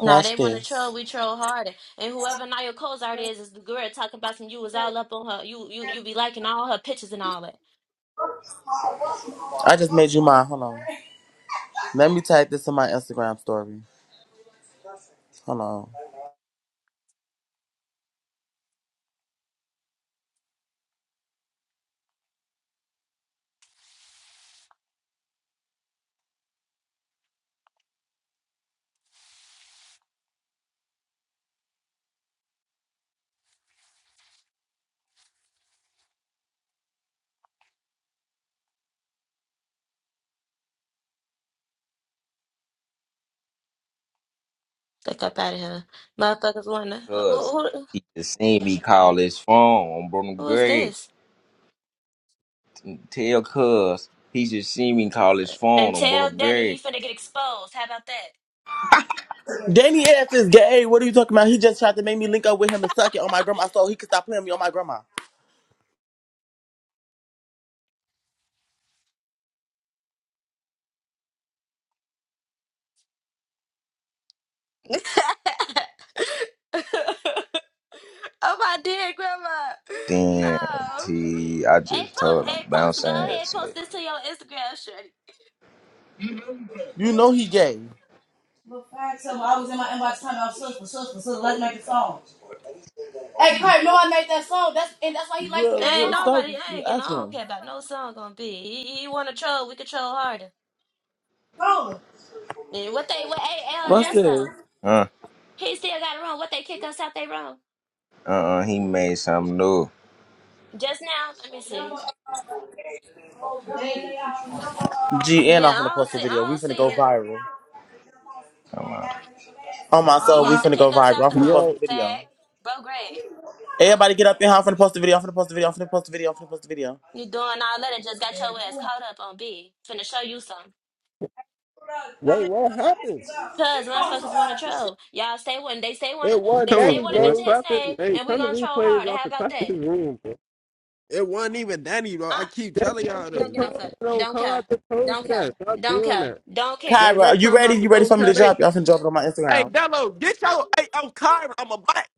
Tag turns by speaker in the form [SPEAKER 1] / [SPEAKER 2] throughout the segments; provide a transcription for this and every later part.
[SPEAKER 1] Nah,
[SPEAKER 2] Watch
[SPEAKER 1] they want to troll.
[SPEAKER 2] this.
[SPEAKER 1] We troll harder. And whoever Nia Cozart is, is the girl talking about some. You was all up on her. You you you be liking all her pictures and all that.
[SPEAKER 2] I just made you mine. Hold on. Let me tag this in my Instagram story. Hold on.
[SPEAKER 1] Look up out of here, motherfuckers. Wanna who,
[SPEAKER 3] Cuz
[SPEAKER 1] who
[SPEAKER 3] he just seen me call his phone on Bruno
[SPEAKER 1] who is
[SPEAKER 3] Gray.
[SPEAKER 1] this?
[SPEAKER 3] Tell Cuz he just seen me call his
[SPEAKER 1] And
[SPEAKER 3] phone on Bruno
[SPEAKER 1] tell Danny he
[SPEAKER 3] Gray.
[SPEAKER 1] finna get exposed. How about
[SPEAKER 2] Danny F is gay. What are you talking about? He just tried to make me link up with him and suck it on my grandma so he could stop playing me on my grandma.
[SPEAKER 1] that? oh my dear grandma,
[SPEAKER 3] Damn,
[SPEAKER 1] no.
[SPEAKER 3] T, I
[SPEAKER 1] Hey,
[SPEAKER 3] just told
[SPEAKER 1] po-
[SPEAKER 3] him
[SPEAKER 1] hey, post. Go
[SPEAKER 3] bouncing
[SPEAKER 1] ahead,
[SPEAKER 3] his nigga.
[SPEAKER 1] post this to your Instagram,
[SPEAKER 2] You know he gay. Look facts I was in my inbox time I out sister, for sister, let's make a song. Hey, Kurt, no, I made that song. That's and that's why he liked Yeah, that
[SPEAKER 1] Ain't
[SPEAKER 2] well,
[SPEAKER 1] nobody,
[SPEAKER 2] song.
[SPEAKER 1] I ain't,
[SPEAKER 2] stop
[SPEAKER 1] getting-
[SPEAKER 2] asking
[SPEAKER 1] I don't
[SPEAKER 2] him.
[SPEAKER 1] care about no song gonna be. You, you wanna troll, we can troll harder.
[SPEAKER 2] Go.
[SPEAKER 1] And what they, what AL
[SPEAKER 2] What's this?
[SPEAKER 1] Justo,
[SPEAKER 3] Huh?
[SPEAKER 1] he still got it wrong. What they kick us out they wrong.
[SPEAKER 3] Uh uh he made something new.
[SPEAKER 1] Just now, let me see.
[SPEAKER 2] G and I'm
[SPEAKER 1] Yeah, I
[SPEAKER 2] gonna
[SPEAKER 1] don't
[SPEAKER 2] post a
[SPEAKER 1] see, I
[SPEAKER 2] video. We
[SPEAKER 1] don't
[SPEAKER 2] finna
[SPEAKER 1] see
[SPEAKER 2] go
[SPEAKER 1] it.
[SPEAKER 2] viral.
[SPEAKER 3] Come on.
[SPEAKER 2] On my
[SPEAKER 1] He
[SPEAKER 2] soul, we
[SPEAKER 1] had to
[SPEAKER 2] finna go
[SPEAKER 1] kick us
[SPEAKER 2] viral.
[SPEAKER 1] out
[SPEAKER 2] I'm
[SPEAKER 1] the
[SPEAKER 2] finna post
[SPEAKER 1] room.
[SPEAKER 4] Yo,
[SPEAKER 2] the video.
[SPEAKER 1] Fag, bro, Greg,
[SPEAKER 2] Everybody get up in here. I'm finna post the video. I'm finna post the video. I'm finna post the video. I'm finna post the video.
[SPEAKER 1] you doing all that and just got your ass caught up on B. Finna show you something.
[SPEAKER 4] wait, what happened?
[SPEAKER 1] Cause motherfuckers wanna troll. Y'all say one, they say wanna,
[SPEAKER 4] It wasn't
[SPEAKER 1] they
[SPEAKER 5] Come
[SPEAKER 1] say
[SPEAKER 5] on,
[SPEAKER 4] Danny,
[SPEAKER 1] wanna
[SPEAKER 5] boy.
[SPEAKER 1] mention
[SPEAKER 4] bro.
[SPEAKER 1] his
[SPEAKER 5] Clap this.
[SPEAKER 1] name,
[SPEAKER 5] Hey,
[SPEAKER 1] and we
[SPEAKER 5] turn the
[SPEAKER 1] gonna troll
[SPEAKER 5] replays
[SPEAKER 1] harder.
[SPEAKER 5] off
[SPEAKER 1] How
[SPEAKER 5] and
[SPEAKER 1] about
[SPEAKER 5] clap this
[SPEAKER 1] that?
[SPEAKER 5] room, bro.
[SPEAKER 4] It wasn't even Danny, bro. I
[SPEAKER 1] Uh,
[SPEAKER 4] keep
[SPEAKER 5] That
[SPEAKER 4] telling y'all
[SPEAKER 5] ain't the
[SPEAKER 1] Don't
[SPEAKER 4] this.
[SPEAKER 1] get no fuck.
[SPEAKER 5] code. Don't
[SPEAKER 1] Don't
[SPEAKER 5] call out
[SPEAKER 1] care.
[SPEAKER 5] the code
[SPEAKER 1] Don't
[SPEAKER 5] you that.
[SPEAKER 1] care.
[SPEAKER 5] Stop
[SPEAKER 1] Don't
[SPEAKER 5] doing
[SPEAKER 1] care.
[SPEAKER 5] that.
[SPEAKER 1] Don't care.
[SPEAKER 4] Gang,
[SPEAKER 2] Kyra,
[SPEAKER 4] they
[SPEAKER 2] are you
[SPEAKER 4] talking
[SPEAKER 2] ready?
[SPEAKER 4] about
[SPEAKER 2] You
[SPEAKER 4] some
[SPEAKER 2] ready
[SPEAKER 4] don't
[SPEAKER 2] for me to
[SPEAKER 4] cut eight.
[SPEAKER 2] drop you? I'm finna drop it on my
[SPEAKER 4] Hey,
[SPEAKER 2] Instagram.
[SPEAKER 4] Dello, get your hey, I'm Kyron. I'm a black.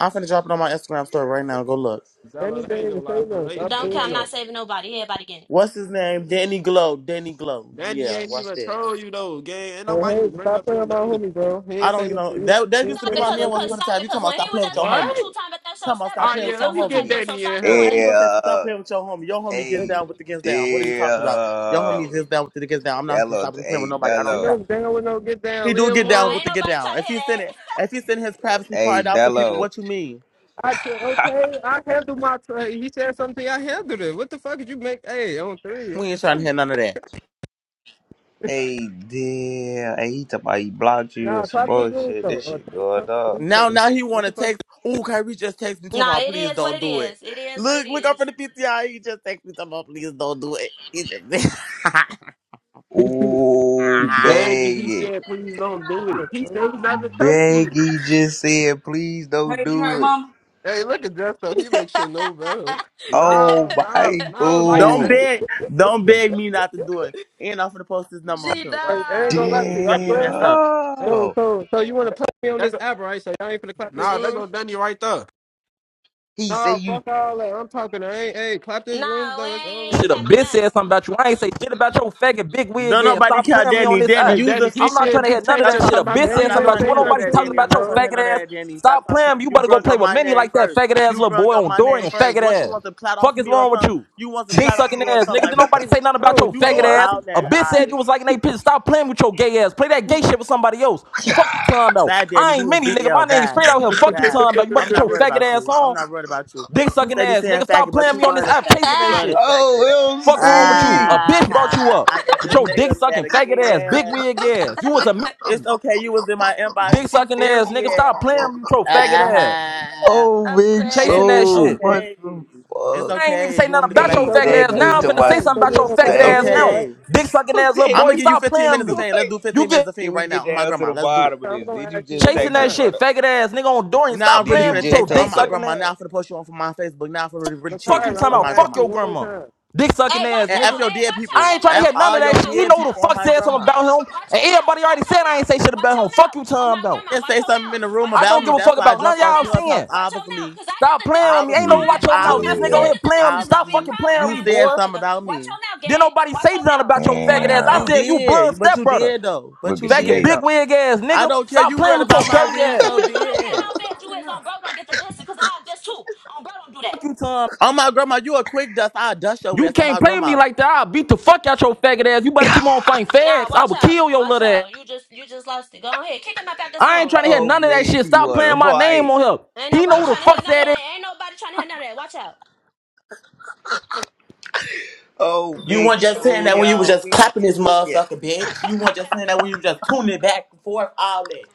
[SPEAKER 2] I'm finna drop it on my Instagram story right now. Go look.
[SPEAKER 4] Dello,
[SPEAKER 5] Danny
[SPEAKER 4] they
[SPEAKER 5] didn't
[SPEAKER 4] ain't gonna lie
[SPEAKER 5] say
[SPEAKER 4] for
[SPEAKER 5] no.
[SPEAKER 4] they
[SPEAKER 5] Stop
[SPEAKER 4] they
[SPEAKER 1] Don't
[SPEAKER 4] done
[SPEAKER 1] care.
[SPEAKER 5] doing
[SPEAKER 1] I'm not
[SPEAKER 4] troll.
[SPEAKER 5] that.
[SPEAKER 1] saving nobody. Everybody getting it.
[SPEAKER 2] What's his name? Danny Glow. Danny Glow.
[SPEAKER 4] Danny
[SPEAKER 2] Yeah,
[SPEAKER 4] ain't
[SPEAKER 2] watch
[SPEAKER 4] even
[SPEAKER 2] this.
[SPEAKER 4] troll you though, gang. Ain't
[SPEAKER 5] Hey,
[SPEAKER 4] nobody
[SPEAKER 5] hey,
[SPEAKER 4] even bring
[SPEAKER 5] stop
[SPEAKER 4] up
[SPEAKER 5] playing
[SPEAKER 4] your
[SPEAKER 5] with my
[SPEAKER 4] name.
[SPEAKER 5] homie, bro. He
[SPEAKER 2] I
[SPEAKER 5] ain't say
[SPEAKER 2] don't, you
[SPEAKER 5] nothing to
[SPEAKER 2] know,
[SPEAKER 5] you.
[SPEAKER 2] that that
[SPEAKER 5] He
[SPEAKER 2] used
[SPEAKER 5] ain't
[SPEAKER 2] to
[SPEAKER 1] Stop
[SPEAKER 5] say
[SPEAKER 2] be
[SPEAKER 1] it,
[SPEAKER 5] nothing
[SPEAKER 2] my
[SPEAKER 1] cause,
[SPEAKER 2] man
[SPEAKER 5] about
[SPEAKER 2] once
[SPEAKER 1] cause
[SPEAKER 5] you.
[SPEAKER 2] upon a
[SPEAKER 1] stop
[SPEAKER 2] time.
[SPEAKER 1] it,
[SPEAKER 2] You
[SPEAKER 1] cause
[SPEAKER 2] talking about
[SPEAKER 1] when he
[SPEAKER 2] stop
[SPEAKER 1] was
[SPEAKER 2] playing with your
[SPEAKER 1] just playing
[SPEAKER 2] homie.
[SPEAKER 1] with you
[SPEAKER 4] What?
[SPEAKER 1] time at that show,
[SPEAKER 2] talking about
[SPEAKER 1] step
[SPEAKER 2] stop
[SPEAKER 4] Oh
[SPEAKER 1] brother,
[SPEAKER 2] playing
[SPEAKER 1] you
[SPEAKER 4] yeah,
[SPEAKER 2] with your
[SPEAKER 4] let
[SPEAKER 1] felt
[SPEAKER 4] me
[SPEAKER 1] some type
[SPEAKER 4] get
[SPEAKER 2] homie.
[SPEAKER 1] of way. So
[SPEAKER 4] Danny in
[SPEAKER 1] stop
[SPEAKER 4] here.
[SPEAKER 1] doing
[SPEAKER 2] How you
[SPEAKER 1] it.
[SPEAKER 2] gonna say stop
[SPEAKER 3] Yeah,
[SPEAKER 2] playing with your homie? Your homie gets
[SPEAKER 5] Ain't
[SPEAKER 3] hey,
[SPEAKER 2] down with the gets down. What are you talking about? Your homie
[SPEAKER 3] damn.
[SPEAKER 2] gets down with the gets down. I'm not gonna
[SPEAKER 3] Dello,
[SPEAKER 2] stop playing with
[SPEAKER 3] hey,
[SPEAKER 2] nobody. I don't
[SPEAKER 5] and no
[SPEAKER 2] care.
[SPEAKER 3] Dello,
[SPEAKER 5] down with no get
[SPEAKER 2] He
[SPEAKER 5] down.
[SPEAKER 2] do
[SPEAKER 5] Leave him
[SPEAKER 2] get
[SPEAKER 1] Nah,
[SPEAKER 2] down
[SPEAKER 5] alone.
[SPEAKER 2] with
[SPEAKER 1] ain't
[SPEAKER 2] the get
[SPEAKER 1] nobody
[SPEAKER 2] down.
[SPEAKER 1] trying to
[SPEAKER 2] If he
[SPEAKER 1] hear
[SPEAKER 2] send it, if he send his privacy
[SPEAKER 3] hey,
[SPEAKER 2] part out to people,
[SPEAKER 3] Dello,
[SPEAKER 2] what you mean?
[SPEAKER 5] I tra- okay, I handle my trade. He said something. I handled it. What the fuck did you make? Hey, on three.
[SPEAKER 2] We ain't trying to hear none of that.
[SPEAKER 3] hey, damn. Hey, he talking about he blocked you or
[SPEAKER 5] Nah,
[SPEAKER 3] some
[SPEAKER 5] clap this room
[SPEAKER 3] bullshit.
[SPEAKER 5] though.
[SPEAKER 3] This
[SPEAKER 5] Or
[SPEAKER 3] shit going
[SPEAKER 5] turn off the
[SPEAKER 3] up.
[SPEAKER 2] Now,
[SPEAKER 5] replays.
[SPEAKER 2] now he
[SPEAKER 5] What
[SPEAKER 2] want
[SPEAKER 5] the
[SPEAKER 2] to
[SPEAKER 5] fuck?
[SPEAKER 2] text. Oh, Kyrie just text me
[SPEAKER 1] that.
[SPEAKER 2] talking
[SPEAKER 1] Nah,
[SPEAKER 2] about
[SPEAKER 1] it
[SPEAKER 2] please
[SPEAKER 1] is what
[SPEAKER 2] don't
[SPEAKER 1] it
[SPEAKER 2] do it.
[SPEAKER 1] is. It is what it
[SPEAKER 2] Look, look up for
[SPEAKER 1] is.
[SPEAKER 2] the PTI. He just text me talking about please don't do it. He just
[SPEAKER 4] He, he,
[SPEAKER 3] Oh,
[SPEAKER 4] Dang, he
[SPEAKER 3] bag it.
[SPEAKER 4] said, please don't do it. He said he never touched you.
[SPEAKER 3] Baggy just said, please don't
[SPEAKER 2] Hey, you heard
[SPEAKER 3] do it.
[SPEAKER 2] mama?
[SPEAKER 5] Hey, look at Jeff though. He makes shit no better.
[SPEAKER 3] Oh
[SPEAKER 4] No, no,
[SPEAKER 3] my
[SPEAKER 4] no, like
[SPEAKER 2] don't
[SPEAKER 3] god.
[SPEAKER 4] bang.
[SPEAKER 2] beg, don't beg me not to do it. And I'm gonna post his number up
[SPEAKER 1] G
[SPEAKER 2] here. Watch
[SPEAKER 5] Hey,
[SPEAKER 2] this,
[SPEAKER 5] I ain't
[SPEAKER 1] no.
[SPEAKER 5] gonna lie
[SPEAKER 2] cause
[SPEAKER 5] to you.
[SPEAKER 2] you
[SPEAKER 5] I'm
[SPEAKER 2] got me
[SPEAKER 5] glad.
[SPEAKER 2] messed
[SPEAKER 5] I,
[SPEAKER 2] up.
[SPEAKER 5] so,
[SPEAKER 3] Damn.
[SPEAKER 5] so, so you want to clap me on
[SPEAKER 4] Hey,
[SPEAKER 5] this app, right? So y'all ain't finna clap this
[SPEAKER 4] Nah, that
[SPEAKER 5] room?
[SPEAKER 4] go
[SPEAKER 1] G.
[SPEAKER 4] Danny right there.
[SPEAKER 3] He said
[SPEAKER 5] Nah,
[SPEAKER 3] you.
[SPEAKER 5] fuck all that. I'm talking. I ain't. Hey, clap this room
[SPEAKER 1] Nah, we
[SPEAKER 5] though. It's over
[SPEAKER 6] That
[SPEAKER 1] ain't
[SPEAKER 6] should
[SPEAKER 5] with.
[SPEAKER 6] have
[SPEAKER 5] Bro.
[SPEAKER 1] clapping
[SPEAKER 6] been said something
[SPEAKER 1] nothing.
[SPEAKER 6] about you. I ain't say shit about your faggot big
[SPEAKER 2] No,
[SPEAKER 6] wig ass.
[SPEAKER 2] nobody
[SPEAKER 6] Stop
[SPEAKER 2] care,
[SPEAKER 6] playing me on
[SPEAKER 2] Danny.
[SPEAKER 6] this
[SPEAKER 2] Danny,
[SPEAKER 4] Hey,
[SPEAKER 6] app.
[SPEAKER 2] you the
[SPEAKER 4] Danny, he
[SPEAKER 2] fan.
[SPEAKER 6] I'm not trying
[SPEAKER 4] said
[SPEAKER 6] to
[SPEAKER 4] you
[SPEAKER 6] hear none of
[SPEAKER 4] text
[SPEAKER 2] Stop
[SPEAKER 4] your
[SPEAKER 6] that shit.
[SPEAKER 4] talking
[SPEAKER 2] talking
[SPEAKER 6] A
[SPEAKER 2] to
[SPEAKER 4] about,
[SPEAKER 2] me.
[SPEAKER 6] bitch
[SPEAKER 4] but
[SPEAKER 2] I'm
[SPEAKER 5] Danny
[SPEAKER 6] said
[SPEAKER 4] please
[SPEAKER 6] something
[SPEAKER 2] not
[SPEAKER 5] didn't
[SPEAKER 6] about
[SPEAKER 2] trying
[SPEAKER 4] don't
[SPEAKER 6] you.
[SPEAKER 2] to
[SPEAKER 5] say
[SPEAKER 6] When
[SPEAKER 2] hear
[SPEAKER 4] do it.
[SPEAKER 2] none of
[SPEAKER 5] nothing
[SPEAKER 6] nobody
[SPEAKER 2] that,
[SPEAKER 6] talking
[SPEAKER 2] Danny.
[SPEAKER 5] to you,
[SPEAKER 2] I'm
[SPEAKER 6] about
[SPEAKER 2] not
[SPEAKER 6] your
[SPEAKER 2] trying to
[SPEAKER 5] bro.
[SPEAKER 2] hear
[SPEAKER 6] faggot
[SPEAKER 2] none of
[SPEAKER 6] ass,
[SPEAKER 2] that, Danny. Stop
[SPEAKER 6] stop
[SPEAKER 2] talking to me.
[SPEAKER 6] playing me. You
[SPEAKER 2] You
[SPEAKER 6] better go
[SPEAKER 2] brung
[SPEAKER 6] play
[SPEAKER 2] up
[SPEAKER 6] with
[SPEAKER 2] my
[SPEAKER 6] Minnie
[SPEAKER 2] name
[SPEAKER 6] like that
[SPEAKER 2] first.
[SPEAKER 6] faggot ass
[SPEAKER 2] You
[SPEAKER 6] little
[SPEAKER 2] brung
[SPEAKER 6] boy
[SPEAKER 2] up
[SPEAKER 6] on
[SPEAKER 2] my name
[SPEAKER 6] Dorian
[SPEAKER 2] first.
[SPEAKER 6] faggot
[SPEAKER 2] What you
[SPEAKER 6] ass.
[SPEAKER 2] want to plot off
[SPEAKER 6] Fuck is
[SPEAKER 2] me or
[SPEAKER 6] wrong with
[SPEAKER 2] something?
[SPEAKER 6] you?
[SPEAKER 2] You want to
[SPEAKER 6] Dick
[SPEAKER 2] plot off
[SPEAKER 6] sucking
[SPEAKER 2] me or
[SPEAKER 6] ass,
[SPEAKER 2] something?
[SPEAKER 6] nigga.
[SPEAKER 2] Like
[SPEAKER 6] Did
[SPEAKER 2] what
[SPEAKER 6] nobody
[SPEAKER 2] you
[SPEAKER 6] say nothing about
[SPEAKER 5] Oh,
[SPEAKER 6] your
[SPEAKER 2] you
[SPEAKER 6] faggot
[SPEAKER 5] Cole,
[SPEAKER 2] doing
[SPEAKER 5] what?
[SPEAKER 6] ass?
[SPEAKER 5] You,
[SPEAKER 2] out
[SPEAKER 6] A
[SPEAKER 2] there?
[SPEAKER 6] bitch said
[SPEAKER 2] I
[SPEAKER 6] you was liking they bitch. Stop playing with your gay ass. Play that gay
[SPEAKER 2] who
[SPEAKER 6] shit with somebody else. Fuck you, time out.
[SPEAKER 2] bad Danny.
[SPEAKER 6] I
[SPEAKER 2] You
[SPEAKER 6] ain't
[SPEAKER 2] was
[SPEAKER 6] Minnie, nigga. My
[SPEAKER 2] DL
[SPEAKER 6] name
[SPEAKER 2] bad,
[SPEAKER 6] straight out here. Fuck you,
[SPEAKER 2] bad.
[SPEAKER 6] time out. You better
[SPEAKER 2] I'm
[SPEAKER 6] get
[SPEAKER 2] not
[SPEAKER 6] your
[SPEAKER 2] worried
[SPEAKER 6] faggot
[SPEAKER 2] about
[SPEAKER 6] ass
[SPEAKER 2] you. I'm
[SPEAKER 6] on.
[SPEAKER 2] not worried about you.
[SPEAKER 6] Dick
[SPEAKER 2] You
[SPEAKER 6] sucking
[SPEAKER 2] steady
[SPEAKER 6] ass,
[SPEAKER 2] saying
[SPEAKER 6] nigga. Stop
[SPEAKER 2] faggot, but
[SPEAKER 6] playing
[SPEAKER 2] you
[SPEAKER 6] me on
[SPEAKER 2] love
[SPEAKER 6] this
[SPEAKER 2] this
[SPEAKER 6] app,
[SPEAKER 2] faggot.
[SPEAKER 6] chasing
[SPEAKER 2] You
[SPEAKER 6] that
[SPEAKER 2] love
[SPEAKER 6] shit.
[SPEAKER 2] this faggot.
[SPEAKER 3] Oh,
[SPEAKER 6] Fuck wrong with you? A
[SPEAKER 3] LC.
[SPEAKER 6] bitch brought you
[SPEAKER 2] Ah,
[SPEAKER 6] up
[SPEAKER 2] I got
[SPEAKER 6] with
[SPEAKER 2] this
[SPEAKER 6] your dick
[SPEAKER 2] nigga mad
[SPEAKER 6] sucking faggot ass, big
[SPEAKER 2] again.
[SPEAKER 6] wig ass. You was a
[SPEAKER 2] It's okay. You was in my inbox.
[SPEAKER 6] dick
[SPEAKER 2] She
[SPEAKER 6] sucking ass nigga. Stop
[SPEAKER 2] furious.
[SPEAKER 6] playing with your faggot ass,
[SPEAKER 2] Ah,
[SPEAKER 3] Oh,
[SPEAKER 1] I'm
[SPEAKER 3] big
[SPEAKER 6] chasing
[SPEAKER 2] Danny,
[SPEAKER 1] crying.
[SPEAKER 6] that
[SPEAKER 2] it's
[SPEAKER 3] soul.
[SPEAKER 6] shit.
[SPEAKER 3] What
[SPEAKER 2] okay.
[SPEAKER 3] the
[SPEAKER 2] It's
[SPEAKER 3] fuck?
[SPEAKER 6] I ain't even
[SPEAKER 2] okay.
[SPEAKER 6] say
[SPEAKER 2] You want me
[SPEAKER 6] nothing
[SPEAKER 2] to come
[SPEAKER 6] about
[SPEAKER 5] and
[SPEAKER 2] back
[SPEAKER 6] your
[SPEAKER 3] Hey,
[SPEAKER 2] over
[SPEAKER 5] so
[SPEAKER 6] faggot
[SPEAKER 2] there?
[SPEAKER 5] you,
[SPEAKER 3] daddy,
[SPEAKER 6] ass.
[SPEAKER 3] he
[SPEAKER 5] hey,
[SPEAKER 6] Now I'm
[SPEAKER 3] talking
[SPEAKER 6] finna say
[SPEAKER 3] about
[SPEAKER 5] Lakira.
[SPEAKER 3] you
[SPEAKER 6] something
[SPEAKER 5] So
[SPEAKER 6] about
[SPEAKER 5] you ain't
[SPEAKER 6] your
[SPEAKER 3] just
[SPEAKER 5] gonna clap
[SPEAKER 2] It's
[SPEAKER 6] faggot
[SPEAKER 5] this
[SPEAKER 6] ass
[SPEAKER 3] text him.
[SPEAKER 5] room,
[SPEAKER 6] now.
[SPEAKER 5] right?
[SPEAKER 2] okay.
[SPEAKER 6] Dick sucking ass little
[SPEAKER 2] I'm gonna
[SPEAKER 6] boy,
[SPEAKER 3] daddy,
[SPEAKER 2] give you
[SPEAKER 6] stop
[SPEAKER 2] 15
[SPEAKER 6] playing
[SPEAKER 2] minutes of
[SPEAKER 6] me.
[SPEAKER 3] what?
[SPEAKER 2] fame. Let's do
[SPEAKER 6] You
[SPEAKER 2] 15 minutes
[SPEAKER 6] get
[SPEAKER 2] of
[SPEAKER 3] Can
[SPEAKER 2] fame
[SPEAKER 3] we
[SPEAKER 2] right
[SPEAKER 3] get
[SPEAKER 2] now on my
[SPEAKER 3] down to
[SPEAKER 2] grandma.
[SPEAKER 3] the
[SPEAKER 2] Let's do it.
[SPEAKER 3] bottom of
[SPEAKER 5] I'm
[SPEAKER 3] this?
[SPEAKER 5] gonna
[SPEAKER 3] Did you
[SPEAKER 5] ask you
[SPEAKER 3] just
[SPEAKER 5] one more
[SPEAKER 6] chasing
[SPEAKER 3] text
[SPEAKER 6] that
[SPEAKER 3] him,
[SPEAKER 5] time,
[SPEAKER 6] shit,
[SPEAKER 3] brother?
[SPEAKER 6] faggot ass nigga on Dorian.
[SPEAKER 2] Now I'm
[SPEAKER 6] Stop
[SPEAKER 3] Did
[SPEAKER 2] really
[SPEAKER 3] you
[SPEAKER 6] playing
[SPEAKER 2] finna
[SPEAKER 6] with
[SPEAKER 2] chase
[SPEAKER 3] just
[SPEAKER 6] your
[SPEAKER 2] it.
[SPEAKER 6] dick
[SPEAKER 2] On
[SPEAKER 3] text
[SPEAKER 2] my
[SPEAKER 3] him?
[SPEAKER 6] sucking
[SPEAKER 2] grandma. Now
[SPEAKER 6] ass.
[SPEAKER 2] I'm finna post you on for my Facebook. Now I'm finna really, really chase
[SPEAKER 6] Fuck you
[SPEAKER 2] it.
[SPEAKER 5] Lakira. I'm
[SPEAKER 6] talking
[SPEAKER 2] On
[SPEAKER 6] about.
[SPEAKER 2] my
[SPEAKER 5] gonna ask
[SPEAKER 6] Fuck
[SPEAKER 2] grandma.
[SPEAKER 5] you
[SPEAKER 6] your
[SPEAKER 5] one more
[SPEAKER 6] grandma.
[SPEAKER 5] time.
[SPEAKER 6] Dick sucking
[SPEAKER 1] Hey,
[SPEAKER 6] ass
[SPEAKER 1] watch
[SPEAKER 2] And F
[SPEAKER 1] out.
[SPEAKER 6] nigga.
[SPEAKER 2] your
[SPEAKER 1] Hey,
[SPEAKER 2] dead
[SPEAKER 1] watch out,
[SPEAKER 2] people.
[SPEAKER 6] I ain't trying
[SPEAKER 1] Danielle.
[SPEAKER 6] to
[SPEAKER 2] F
[SPEAKER 6] hear
[SPEAKER 1] My dead
[SPEAKER 6] none
[SPEAKER 2] all
[SPEAKER 6] of that
[SPEAKER 2] your
[SPEAKER 1] grandma.
[SPEAKER 6] shit. He
[SPEAKER 2] dead
[SPEAKER 1] Watch
[SPEAKER 6] know who the
[SPEAKER 1] out.
[SPEAKER 2] people on
[SPEAKER 6] fuck
[SPEAKER 2] my
[SPEAKER 1] Watch
[SPEAKER 6] said
[SPEAKER 1] your
[SPEAKER 6] something
[SPEAKER 2] grandma.
[SPEAKER 6] about
[SPEAKER 1] mouth.
[SPEAKER 6] him.
[SPEAKER 1] Watch
[SPEAKER 6] And
[SPEAKER 1] your mouth.
[SPEAKER 6] everybody
[SPEAKER 1] Watch
[SPEAKER 6] already
[SPEAKER 1] your
[SPEAKER 6] said I ain't
[SPEAKER 1] mouth.
[SPEAKER 6] say shit
[SPEAKER 1] Watch
[SPEAKER 6] about
[SPEAKER 1] your
[SPEAKER 6] him. Fuck
[SPEAKER 1] mouth.
[SPEAKER 6] you
[SPEAKER 1] On
[SPEAKER 6] talking
[SPEAKER 1] my
[SPEAKER 6] about.
[SPEAKER 1] grandma.
[SPEAKER 2] did say
[SPEAKER 1] Watch your
[SPEAKER 2] something in
[SPEAKER 1] mouth.
[SPEAKER 2] the room
[SPEAKER 1] Watch
[SPEAKER 6] I
[SPEAKER 1] your
[SPEAKER 2] about
[SPEAKER 6] don't
[SPEAKER 2] me.
[SPEAKER 6] give a
[SPEAKER 1] mouth.
[SPEAKER 2] That's
[SPEAKER 6] fuck
[SPEAKER 2] why I
[SPEAKER 6] about none
[SPEAKER 1] Watch
[SPEAKER 6] of
[SPEAKER 2] jumped
[SPEAKER 1] your
[SPEAKER 2] on
[SPEAKER 6] y'all
[SPEAKER 1] mouth.
[SPEAKER 2] Clubhouse,
[SPEAKER 6] saying.
[SPEAKER 1] Watch your mouth.
[SPEAKER 2] obviously.
[SPEAKER 1] Because I get
[SPEAKER 6] Stop
[SPEAKER 1] the
[SPEAKER 6] playing
[SPEAKER 1] dissing.
[SPEAKER 6] with me. Ain't
[SPEAKER 1] All
[SPEAKER 6] no
[SPEAKER 3] He-
[SPEAKER 2] Obviously,
[SPEAKER 1] right,
[SPEAKER 6] watch your
[SPEAKER 1] watch your
[SPEAKER 6] mouth. This
[SPEAKER 1] mouth.
[SPEAKER 6] nigga
[SPEAKER 1] Because
[SPEAKER 2] obviously,
[SPEAKER 1] I
[SPEAKER 6] on
[SPEAKER 3] Yeah.
[SPEAKER 6] here
[SPEAKER 1] get the
[SPEAKER 6] playing with
[SPEAKER 1] dissing.
[SPEAKER 6] me.
[SPEAKER 1] It's going to
[SPEAKER 6] Stop
[SPEAKER 1] be a
[SPEAKER 6] fucking
[SPEAKER 2] obviously,
[SPEAKER 1] problem
[SPEAKER 6] playing with
[SPEAKER 2] you
[SPEAKER 6] me,
[SPEAKER 1] around this
[SPEAKER 6] boy.
[SPEAKER 2] said something
[SPEAKER 1] motherfucker.
[SPEAKER 2] about
[SPEAKER 1] Watch
[SPEAKER 2] me.
[SPEAKER 1] your mouth,
[SPEAKER 6] Then
[SPEAKER 1] gang.
[SPEAKER 6] nobody
[SPEAKER 1] Watch
[SPEAKER 6] say
[SPEAKER 1] your
[SPEAKER 6] nothing
[SPEAKER 1] mouth.
[SPEAKER 6] about your
[SPEAKER 1] Watch
[SPEAKER 6] faggot ass.
[SPEAKER 1] your
[SPEAKER 6] I
[SPEAKER 2] You
[SPEAKER 3] Damn.
[SPEAKER 1] mouth.
[SPEAKER 6] said you blood
[SPEAKER 2] did, but you
[SPEAKER 6] stepbrother.
[SPEAKER 2] did though. But
[SPEAKER 3] Wicked
[SPEAKER 2] you
[SPEAKER 6] Faggot
[SPEAKER 2] did
[SPEAKER 6] big
[SPEAKER 3] Snake.
[SPEAKER 2] though.
[SPEAKER 6] wig ass
[SPEAKER 2] I
[SPEAKER 6] nigga.
[SPEAKER 2] don't care.
[SPEAKER 6] Stop
[SPEAKER 2] You
[SPEAKER 1] I
[SPEAKER 6] playing
[SPEAKER 2] read
[SPEAKER 6] with
[SPEAKER 1] don't
[SPEAKER 2] about
[SPEAKER 6] your
[SPEAKER 1] care
[SPEAKER 2] my
[SPEAKER 1] how
[SPEAKER 6] dirty
[SPEAKER 2] wig
[SPEAKER 1] mad you
[SPEAKER 6] ass.
[SPEAKER 2] so
[SPEAKER 1] is. I don't care
[SPEAKER 2] big.
[SPEAKER 1] how mad you is. On bro, don't get the dissing. Because I'll diss too. On bro, don't do that.
[SPEAKER 6] Fuck you, Tom.
[SPEAKER 2] Oh my grandma, you a quick dust. I dust your
[SPEAKER 6] You
[SPEAKER 2] ass on
[SPEAKER 6] can't
[SPEAKER 2] my
[SPEAKER 6] play with me
[SPEAKER 2] grandma.
[SPEAKER 6] like that. I'll beat the fuck out your faggot ass. You better keep on fighting
[SPEAKER 1] Nah,
[SPEAKER 6] fags. I
[SPEAKER 1] watch
[SPEAKER 6] will
[SPEAKER 1] out.
[SPEAKER 6] kill your
[SPEAKER 1] Watch
[SPEAKER 6] little ass.
[SPEAKER 1] out. You just you just lost it. Go ahead. Kick him up out this
[SPEAKER 6] I ain't
[SPEAKER 1] room.
[SPEAKER 6] trying to hear
[SPEAKER 3] Oh,
[SPEAKER 6] none of that
[SPEAKER 3] Big,
[SPEAKER 6] shit.
[SPEAKER 3] you
[SPEAKER 6] Stop playing
[SPEAKER 3] wanna
[SPEAKER 6] my name
[SPEAKER 3] fight?
[SPEAKER 6] on him.
[SPEAKER 1] Ain't
[SPEAKER 6] He
[SPEAKER 1] nobody
[SPEAKER 6] know who the
[SPEAKER 1] trying to hear
[SPEAKER 6] fuck
[SPEAKER 1] none of
[SPEAKER 6] that is.
[SPEAKER 1] that. Ain't nobody trying to hear none of that. Watch out.
[SPEAKER 3] Oh,
[SPEAKER 2] You
[SPEAKER 3] Big,
[SPEAKER 2] weren't just saying
[SPEAKER 3] so
[SPEAKER 2] that when you was
[SPEAKER 3] y'all
[SPEAKER 2] just
[SPEAKER 3] be
[SPEAKER 2] clapping this
[SPEAKER 3] tweaking.
[SPEAKER 2] motherfucker, bitch. You weren't just saying that when you was just tuning it back and forth, all that.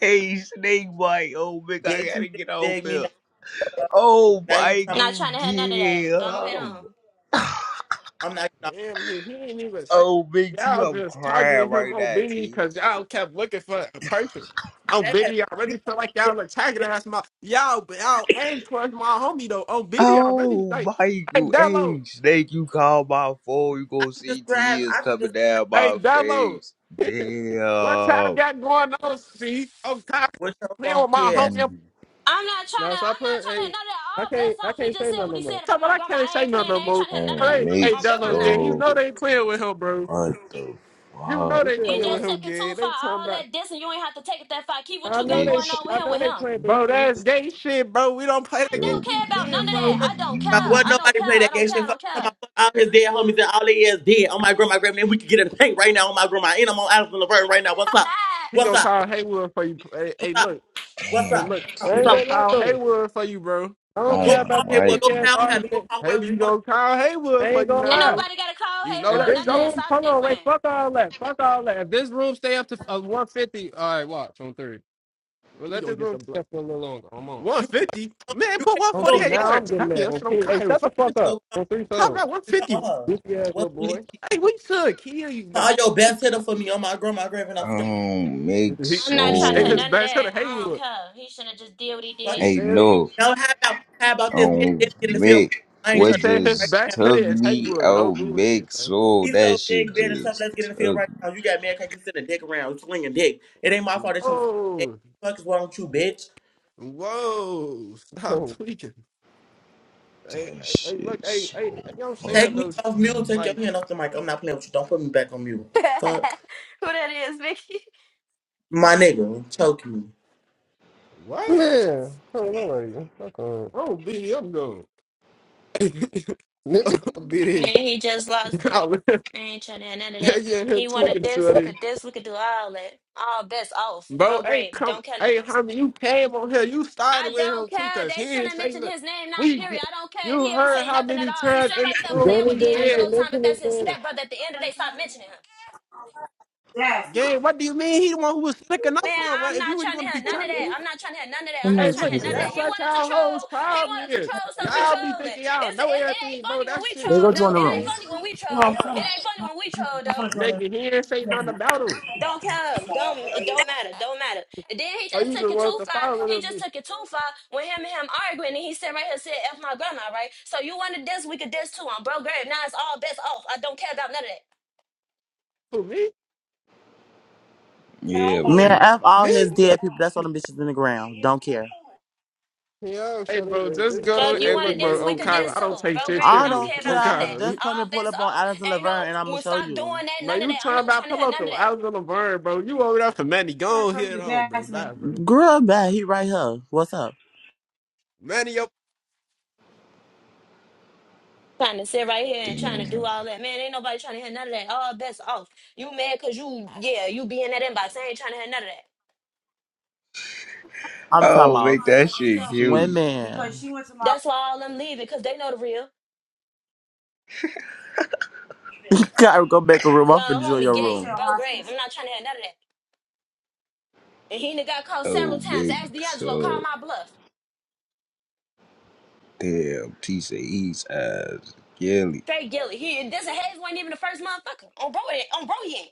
[SPEAKER 3] Hey, Snake Bite. Oh, Big, I
[SPEAKER 2] Bitch, you
[SPEAKER 3] gotta
[SPEAKER 2] just
[SPEAKER 3] get off
[SPEAKER 2] begged me
[SPEAKER 3] here.
[SPEAKER 2] now.
[SPEAKER 3] Oh,
[SPEAKER 2] Now you tell me
[SPEAKER 1] Not
[SPEAKER 3] Michael,
[SPEAKER 1] trying to hear none of that. Go ahead
[SPEAKER 3] damn.
[SPEAKER 1] on.
[SPEAKER 2] I'm not getting off
[SPEAKER 4] Damn, he, he ain't even say.
[SPEAKER 3] Oh, Big T,
[SPEAKER 4] Y'all
[SPEAKER 3] I'm
[SPEAKER 4] just
[SPEAKER 3] crying
[SPEAKER 4] targeting him
[SPEAKER 3] right
[SPEAKER 4] on
[SPEAKER 3] now,
[SPEAKER 4] Biddy
[SPEAKER 3] T.
[SPEAKER 4] because y'all kept looking for a person. On
[SPEAKER 2] that.
[SPEAKER 4] Biddy, I
[SPEAKER 2] You
[SPEAKER 4] really
[SPEAKER 2] tell
[SPEAKER 4] feel like
[SPEAKER 2] me,
[SPEAKER 4] y'all
[SPEAKER 2] bitch,
[SPEAKER 4] attacking us. My y'all, but y'all ain't towards my homie though. On Biddy, I really
[SPEAKER 3] Oh,
[SPEAKER 4] like. Hey,
[SPEAKER 3] Michael,
[SPEAKER 4] Dello.
[SPEAKER 3] hey, Snake, you call my phone, you
[SPEAKER 2] I
[SPEAKER 3] gonna
[SPEAKER 2] could
[SPEAKER 3] see
[SPEAKER 2] describe,
[SPEAKER 3] tears
[SPEAKER 2] I could
[SPEAKER 3] coming
[SPEAKER 2] just
[SPEAKER 3] down
[SPEAKER 4] Hey,
[SPEAKER 3] my
[SPEAKER 4] Dello.
[SPEAKER 3] face.
[SPEAKER 4] What y'all
[SPEAKER 3] Damn.
[SPEAKER 4] got going on? See, I'm tired
[SPEAKER 2] with
[SPEAKER 4] of
[SPEAKER 2] your
[SPEAKER 4] playing
[SPEAKER 2] long
[SPEAKER 4] with my
[SPEAKER 2] hair.
[SPEAKER 4] homie.
[SPEAKER 3] Mm.
[SPEAKER 1] I'm not trying
[SPEAKER 5] Now,
[SPEAKER 1] to.
[SPEAKER 5] so I
[SPEAKER 1] I'm not
[SPEAKER 5] put.
[SPEAKER 1] trying to hear
[SPEAKER 5] Hey,
[SPEAKER 1] none of that.
[SPEAKER 5] I
[SPEAKER 1] All
[SPEAKER 5] can't.
[SPEAKER 1] bets
[SPEAKER 5] I
[SPEAKER 1] off. He
[SPEAKER 5] can't
[SPEAKER 1] just
[SPEAKER 5] say
[SPEAKER 1] said
[SPEAKER 5] nothing
[SPEAKER 1] what
[SPEAKER 5] no
[SPEAKER 1] he
[SPEAKER 5] more.
[SPEAKER 1] said about
[SPEAKER 4] Talking about
[SPEAKER 1] my
[SPEAKER 4] I
[SPEAKER 1] grandma.
[SPEAKER 4] can't
[SPEAKER 1] I
[SPEAKER 4] say
[SPEAKER 1] ain't
[SPEAKER 4] no
[SPEAKER 1] playing.
[SPEAKER 4] no
[SPEAKER 1] I ain't
[SPEAKER 4] more.
[SPEAKER 1] trying to hear none of that.
[SPEAKER 3] And
[SPEAKER 4] Hey, hey,
[SPEAKER 3] Nate,
[SPEAKER 1] Oh, bro,
[SPEAKER 4] Dello
[SPEAKER 1] I'm not.
[SPEAKER 4] gang, you
[SPEAKER 3] so
[SPEAKER 4] know they playing with him, bro.
[SPEAKER 3] what the
[SPEAKER 4] You
[SPEAKER 3] fuck?
[SPEAKER 4] know
[SPEAKER 5] You
[SPEAKER 4] they
[SPEAKER 5] said
[SPEAKER 1] He
[SPEAKER 4] playing
[SPEAKER 1] just
[SPEAKER 4] with
[SPEAKER 5] what?
[SPEAKER 4] him,
[SPEAKER 1] took it
[SPEAKER 4] gang.
[SPEAKER 1] too
[SPEAKER 4] They
[SPEAKER 1] far.
[SPEAKER 4] talking
[SPEAKER 1] All
[SPEAKER 4] about,
[SPEAKER 1] that dissing. You ain't have to take it that far. Keep what
[SPEAKER 5] I
[SPEAKER 1] you
[SPEAKER 5] know
[SPEAKER 1] got
[SPEAKER 5] they.
[SPEAKER 1] going
[SPEAKER 3] It's
[SPEAKER 1] on with
[SPEAKER 5] I
[SPEAKER 1] him.
[SPEAKER 5] know
[SPEAKER 1] With
[SPEAKER 5] they
[SPEAKER 1] him.
[SPEAKER 5] playing, but
[SPEAKER 4] bro,
[SPEAKER 5] he.
[SPEAKER 4] that's gay shit, bro. We don't play
[SPEAKER 1] I
[SPEAKER 4] that game,
[SPEAKER 3] yo,
[SPEAKER 1] don't
[SPEAKER 4] we
[SPEAKER 1] care about
[SPEAKER 4] men,
[SPEAKER 1] none of
[SPEAKER 2] We
[SPEAKER 1] that.
[SPEAKER 4] bro.
[SPEAKER 2] don't
[SPEAKER 1] I don't
[SPEAKER 2] know about
[SPEAKER 1] care.
[SPEAKER 2] what
[SPEAKER 1] I
[SPEAKER 3] mm,
[SPEAKER 1] don't
[SPEAKER 2] nobody
[SPEAKER 1] care.
[SPEAKER 2] play that
[SPEAKER 1] I
[SPEAKER 2] gay
[SPEAKER 1] don't care. I
[SPEAKER 2] Fuck
[SPEAKER 1] don't
[SPEAKER 2] all my
[SPEAKER 1] care.
[SPEAKER 2] fuck all his dead homies and all they is dead. Oh my grandma, grandma, and we can get in the paint right now. Oh my grandma, and I'm on Allison Laverne right now. What's up?
[SPEAKER 4] He
[SPEAKER 2] What's
[SPEAKER 4] gonna
[SPEAKER 2] up?
[SPEAKER 4] call Haywood for you. Hey,
[SPEAKER 2] What's
[SPEAKER 4] hey,
[SPEAKER 2] up?
[SPEAKER 4] look,
[SPEAKER 2] What's
[SPEAKER 4] hey,
[SPEAKER 3] damn.
[SPEAKER 2] up?
[SPEAKER 4] look.
[SPEAKER 2] What's up?
[SPEAKER 5] he
[SPEAKER 4] He
[SPEAKER 5] I
[SPEAKER 2] What's
[SPEAKER 3] T.
[SPEAKER 5] ain't
[SPEAKER 4] gonna
[SPEAKER 5] gonna
[SPEAKER 2] up?
[SPEAKER 5] lie
[SPEAKER 4] call
[SPEAKER 5] though.
[SPEAKER 4] Haywood for you, bro.
[SPEAKER 5] I
[SPEAKER 4] You
[SPEAKER 5] don't
[SPEAKER 4] better
[SPEAKER 3] Oh,
[SPEAKER 2] Go
[SPEAKER 5] care
[SPEAKER 4] stop.
[SPEAKER 2] call
[SPEAKER 5] about this
[SPEAKER 2] Haywood.
[SPEAKER 5] weak
[SPEAKER 2] Go
[SPEAKER 3] Michael,
[SPEAKER 5] ass
[SPEAKER 2] call him. Go
[SPEAKER 5] argument.
[SPEAKER 2] call
[SPEAKER 4] Hey,
[SPEAKER 2] whoever
[SPEAKER 4] he
[SPEAKER 2] you want to.
[SPEAKER 4] gonna call
[SPEAKER 5] I
[SPEAKER 4] Haywood for
[SPEAKER 5] ain't
[SPEAKER 4] you
[SPEAKER 5] gonna
[SPEAKER 4] now,
[SPEAKER 1] ain't
[SPEAKER 5] lie.
[SPEAKER 4] bro.
[SPEAKER 1] nobody got to call
[SPEAKER 4] You know
[SPEAKER 5] If
[SPEAKER 1] Haywood.
[SPEAKER 4] that
[SPEAKER 5] this
[SPEAKER 1] None of
[SPEAKER 4] show.
[SPEAKER 1] that.
[SPEAKER 5] room,
[SPEAKER 1] Stop
[SPEAKER 5] hold
[SPEAKER 1] dick
[SPEAKER 5] on, wait,
[SPEAKER 1] ran.
[SPEAKER 5] fuck all that, fuck all that. If this room stay up to uh, 150, all right, watch on three. Well,
[SPEAKER 4] he
[SPEAKER 5] let
[SPEAKER 4] gonna
[SPEAKER 5] this
[SPEAKER 4] get the
[SPEAKER 5] room
[SPEAKER 4] blunt.
[SPEAKER 5] stay up for a little longer. I'm on.
[SPEAKER 2] You
[SPEAKER 4] 150,
[SPEAKER 2] can
[SPEAKER 4] man,
[SPEAKER 2] you
[SPEAKER 4] put
[SPEAKER 2] can
[SPEAKER 5] On
[SPEAKER 2] go
[SPEAKER 5] three,
[SPEAKER 4] 148.
[SPEAKER 2] in.
[SPEAKER 4] Yo,
[SPEAKER 5] now I'm
[SPEAKER 4] I
[SPEAKER 5] getting
[SPEAKER 4] mean,
[SPEAKER 5] mad.
[SPEAKER 4] that's
[SPEAKER 5] On
[SPEAKER 4] shit on
[SPEAKER 5] three,
[SPEAKER 4] Kyle.
[SPEAKER 5] hey, shut the
[SPEAKER 4] Fuck you,
[SPEAKER 2] Let's
[SPEAKER 5] fuck
[SPEAKER 4] talk,
[SPEAKER 5] up.
[SPEAKER 2] go
[SPEAKER 5] On three,
[SPEAKER 4] talk
[SPEAKER 5] so
[SPEAKER 4] about 150.
[SPEAKER 2] call, call her.
[SPEAKER 5] goofy ass little
[SPEAKER 2] What's the
[SPEAKER 5] boy.
[SPEAKER 4] Hey, we should kill you,
[SPEAKER 2] Call
[SPEAKER 4] no.
[SPEAKER 2] your best hitter for me. Oh my grandma, grandma, and
[SPEAKER 3] I
[SPEAKER 2] I'm straight.
[SPEAKER 3] don't make
[SPEAKER 4] He
[SPEAKER 1] I'm not
[SPEAKER 4] he
[SPEAKER 1] trying to
[SPEAKER 4] said
[SPEAKER 1] hear
[SPEAKER 4] his
[SPEAKER 3] so.
[SPEAKER 1] none of
[SPEAKER 4] back
[SPEAKER 1] that.
[SPEAKER 4] hitter
[SPEAKER 1] I don't
[SPEAKER 4] Haywood.
[SPEAKER 1] care. He should have just did what he
[SPEAKER 2] Fuck
[SPEAKER 1] did.
[SPEAKER 4] He
[SPEAKER 2] you.
[SPEAKER 3] Hey,
[SPEAKER 4] said
[SPEAKER 3] no,
[SPEAKER 2] Now how about how about
[SPEAKER 3] I
[SPEAKER 2] this? Me and Diddy
[SPEAKER 3] don't
[SPEAKER 2] get in the field.
[SPEAKER 3] make
[SPEAKER 2] I ain't
[SPEAKER 4] he
[SPEAKER 3] what
[SPEAKER 2] trying
[SPEAKER 4] said his
[SPEAKER 3] just
[SPEAKER 2] to.
[SPEAKER 4] back hitter
[SPEAKER 3] took
[SPEAKER 4] is
[SPEAKER 3] me. I
[SPEAKER 4] Haywood. No
[SPEAKER 3] don't
[SPEAKER 4] bullshit,
[SPEAKER 3] make
[SPEAKER 4] bro.
[SPEAKER 3] so.
[SPEAKER 2] He's so
[SPEAKER 3] That shit
[SPEAKER 2] big, being a tough.
[SPEAKER 3] just
[SPEAKER 2] Let's get in the field right
[SPEAKER 3] took me.
[SPEAKER 2] now. You got mad because you sending dick around, slinging dick. It ain't my fault that you was slinging dick.
[SPEAKER 4] Whoa,
[SPEAKER 2] Fuck is wrong with you, bitch?
[SPEAKER 4] whoa! Stop
[SPEAKER 5] Oh,
[SPEAKER 4] tweaking. Hey,
[SPEAKER 3] That
[SPEAKER 4] hey, hey, look,
[SPEAKER 3] shit
[SPEAKER 4] hey, hey, hey, you
[SPEAKER 3] so
[SPEAKER 4] know what I'm
[SPEAKER 2] Take
[SPEAKER 4] saying?
[SPEAKER 2] me
[SPEAKER 3] fucking
[SPEAKER 4] Those
[SPEAKER 2] off mute.
[SPEAKER 3] funny.
[SPEAKER 2] Take your
[SPEAKER 4] like
[SPEAKER 2] hand off the mic. I'm not playing with you. Don't put me back on mute. Fuck.
[SPEAKER 1] Who that is, Vicky?
[SPEAKER 2] My nigga, choke me.
[SPEAKER 4] what?
[SPEAKER 5] yeah. Hold on, lady. Fuck on.
[SPEAKER 4] Oh, BD, I'm going.
[SPEAKER 5] Let me-
[SPEAKER 1] And
[SPEAKER 4] BD,
[SPEAKER 1] he just lost it. I ain't trying to have none of
[SPEAKER 4] yeah,
[SPEAKER 1] that.
[SPEAKER 4] yeah, here
[SPEAKER 1] He wanted
[SPEAKER 4] tweaking,
[SPEAKER 1] this, we
[SPEAKER 4] shorty.
[SPEAKER 1] could this, we could do all that. All bets off.
[SPEAKER 4] Bro,
[SPEAKER 1] Bro,
[SPEAKER 4] hey,
[SPEAKER 1] great.
[SPEAKER 4] come,
[SPEAKER 1] Don't care no
[SPEAKER 4] hey,
[SPEAKER 1] more.
[SPEAKER 4] homie, you came on here. You
[SPEAKER 1] I
[SPEAKER 4] started with
[SPEAKER 1] don't
[SPEAKER 4] him too,
[SPEAKER 1] care.
[SPEAKER 4] cause he
[SPEAKER 1] They
[SPEAKER 4] didn't
[SPEAKER 1] shouldn't have
[SPEAKER 4] say
[SPEAKER 1] mentioned
[SPEAKER 4] nothing.
[SPEAKER 1] his name, not
[SPEAKER 4] We,
[SPEAKER 1] period. I don't care if
[SPEAKER 4] you
[SPEAKER 1] he ain't
[SPEAKER 4] heard
[SPEAKER 1] say
[SPEAKER 4] how
[SPEAKER 1] nothing at
[SPEAKER 4] many
[SPEAKER 1] all. He
[SPEAKER 4] times
[SPEAKER 1] sitting
[SPEAKER 4] in the
[SPEAKER 1] right there
[SPEAKER 4] room
[SPEAKER 1] playing
[SPEAKER 5] Danny
[SPEAKER 1] with
[SPEAKER 4] he
[SPEAKER 5] didn't
[SPEAKER 4] said.
[SPEAKER 5] even
[SPEAKER 1] D'Angelo time, but
[SPEAKER 5] mention his
[SPEAKER 1] that's his
[SPEAKER 5] name.
[SPEAKER 1] stepbrother at the end of the day. Stop mentioning him.
[SPEAKER 2] Come
[SPEAKER 4] Gang, what do you mean? He the one who was slick enough
[SPEAKER 1] Man,
[SPEAKER 4] for him. Well,
[SPEAKER 1] I'm
[SPEAKER 4] if you
[SPEAKER 1] not
[SPEAKER 4] were
[SPEAKER 1] trying to
[SPEAKER 4] going to
[SPEAKER 1] hear
[SPEAKER 4] be
[SPEAKER 1] none of that.
[SPEAKER 4] technical,
[SPEAKER 1] I'm not trying to hear none of that. I'm not
[SPEAKER 4] hey,
[SPEAKER 2] on,
[SPEAKER 1] trying
[SPEAKER 4] look,
[SPEAKER 1] to hear
[SPEAKER 4] and
[SPEAKER 1] none of
[SPEAKER 2] Taylor.
[SPEAKER 1] that.
[SPEAKER 4] that's
[SPEAKER 1] He
[SPEAKER 4] like
[SPEAKER 1] wanted to
[SPEAKER 4] how
[SPEAKER 1] troll.
[SPEAKER 4] hoes
[SPEAKER 1] He
[SPEAKER 4] problem
[SPEAKER 1] wanted to
[SPEAKER 4] is.
[SPEAKER 1] troll, so we
[SPEAKER 4] Y'all be
[SPEAKER 1] trolling.
[SPEAKER 4] thinking y'all
[SPEAKER 1] It's a,
[SPEAKER 4] know
[SPEAKER 1] it, it ain't
[SPEAKER 4] everything, bro.
[SPEAKER 1] funny when
[SPEAKER 4] That
[SPEAKER 1] we
[SPEAKER 4] shit
[SPEAKER 2] They
[SPEAKER 1] troll
[SPEAKER 2] go
[SPEAKER 1] though.
[SPEAKER 2] join the
[SPEAKER 4] stupid,
[SPEAKER 1] It ain't
[SPEAKER 2] room.
[SPEAKER 4] man.
[SPEAKER 1] funny when we troll. It ain't funny when we troll though.
[SPEAKER 4] Nigga, he ain't say nothing about him.
[SPEAKER 1] Don't count. Don't it don't matter. Don't matter. And then he
[SPEAKER 4] So
[SPEAKER 1] just
[SPEAKER 4] you
[SPEAKER 1] took
[SPEAKER 4] just
[SPEAKER 1] it
[SPEAKER 4] want
[SPEAKER 1] too
[SPEAKER 4] to
[SPEAKER 1] far.
[SPEAKER 4] start with
[SPEAKER 1] He just
[SPEAKER 4] him.
[SPEAKER 1] took it too far when him and him arguing and he said right here said F my grandma, right? So you wanted to we could diss too on bro grave. Now it's all best off. I don't care about none of that.
[SPEAKER 4] Who, me?
[SPEAKER 3] Yeah, what
[SPEAKER 5] Yeah.
[SPEAKER 2] Man,
[SPEAKER 3] you
[SPEAKER 2] F all
[SPEAKER 4] Me?
[SPEAKER 2] his dead people. That's all them bitches in the ground. Don't care.
[SPEAKER 5] Yo,
[SPEAKER 4] Hey,
[SPEAKER 5] shut up,
[SPEAKER 4] bro,
[SPEAKER 5] man.
[SPEAKER 4] just
[SPEAKER 5] This
[SPEAKER 4] go.
[SPEAKER 1] Fuck, you
[SPEAKER 4] Hey,
[SPEAKER 5] room
[SPEAKER 1] want
[SPEAKER 4] look,
[SPEAKER 1] to
[SPEAKER 5] getting
[SPEAKER 1] dance?
[SPEAKER 5] under
[SPEAKER 4] bro,
[SPEAKER 1] We
[SPEAKER 4] on
[SPEAKER 5] three
[SPEAKER 1] could
[SPEAKER 4] Kyra,
[SPEAKER 1] dance
[SPEAKER 4] I
[SPEAKER 5] minutes.
[SPEAKER 4] don't
[SPEAKER 1] too.
[SPEAKER 4] take
[SPEAKER 1] Bro,
[SPEAKER 4] shit
[SPEAKER 1] grave.
[SPEAKER 2] I
[SPEAKER 1] Don't
[SPEAKER 4] serious.
[SPEAKER 2] don't
[SPEAKER 1] care
[SPEAKER 4] On
[SPEAKER 1] about none of
[SPEAKER 2] care.
[SPEAKER 1] that.
[SPEAKER 4] Kyra.
[SPEAKER 2] Just come
[SPEAKER 1] All
[SPEAKER 2] and pull
[SPEAKER 1] best
[SPEAKER 2] up on
[SPEAKER 1] off.
[SPEAKER 2] Alex and
[SPEAKER 1] Ain't
[SPEAKER 2] Laverne and I'm
[SPEAKER 1] no,
[SPEAKER 2] going to
[SPEAKER 1] we'll
[SPEAKER 2] show
[SPEAKER 1] stop
[SPEAKER 2] you.
[SPEAKER 1] doing that.
[SPEAKER 4] Bro,
[SPEAKER 1] None of
[SPEAKER 4] you
[SPEAKER 1] that. I'm
[SPEAKER 4] talking
[SPEAKER 1] not
[SPEAKER 4] about
[SPEAKER 1] trying to hear
[SPEAKER 4] pillow
[SPEAKER 1] none of
[SPEAKER 4] though. I
[SPEAKER 1] that.
[SPEAKER 4] was in the burn, bro. You over there for Manny. Go on here, on, bro. Bye, bro.
[SPEAKER 2] Girl, bad. He right here. What's up?
[SPEAKER 4] Manny, yo.
[SPEAKER 1] Trying to sit right here and trying to
[SPEAKER 3] thinking?
[SPEAKER 1] do all that. Man, ain't nobody trying to hear none of that. All best off. You mad because you, yeah, you be in that inbox. I ain't trying to hear none of that.
[SPEAKER 2] I'm talking
[SPEAKER 3] Oh, make that shit
[SPEAKER 2] about
[SPEAKER 3] cute.
[SPEAKER 2] swimming.
[SPEAKER 1] That's why all them leaving because they know the real.
[SPEAKER 2] gotta go back a room. I'm finna
[SPEAKER 1] Y'all
[SPEAKER 2] join
[SPEAKER 1] homie
[SPEAKER 2] your room.
[SPEAKER 1] gay. Bro, grave. I'm not trying to hear none of that. And he done got called
[SPEAKER 3] Oh,
[SPEAKER 1] several times.
[SPEAKER 3] big
[SPEAKER 1] Ask D'Angelo, call
[SPEAKER 3] so.
[SPEAKER 1] my bluff.
[SPEAKER 3] Damn, T say he's eyes. Gilly.
[SPEAKER 1] Straight Gilly. He, this Hayes wasn't even the first motherfucker. On bro, he- on bro, he ain't.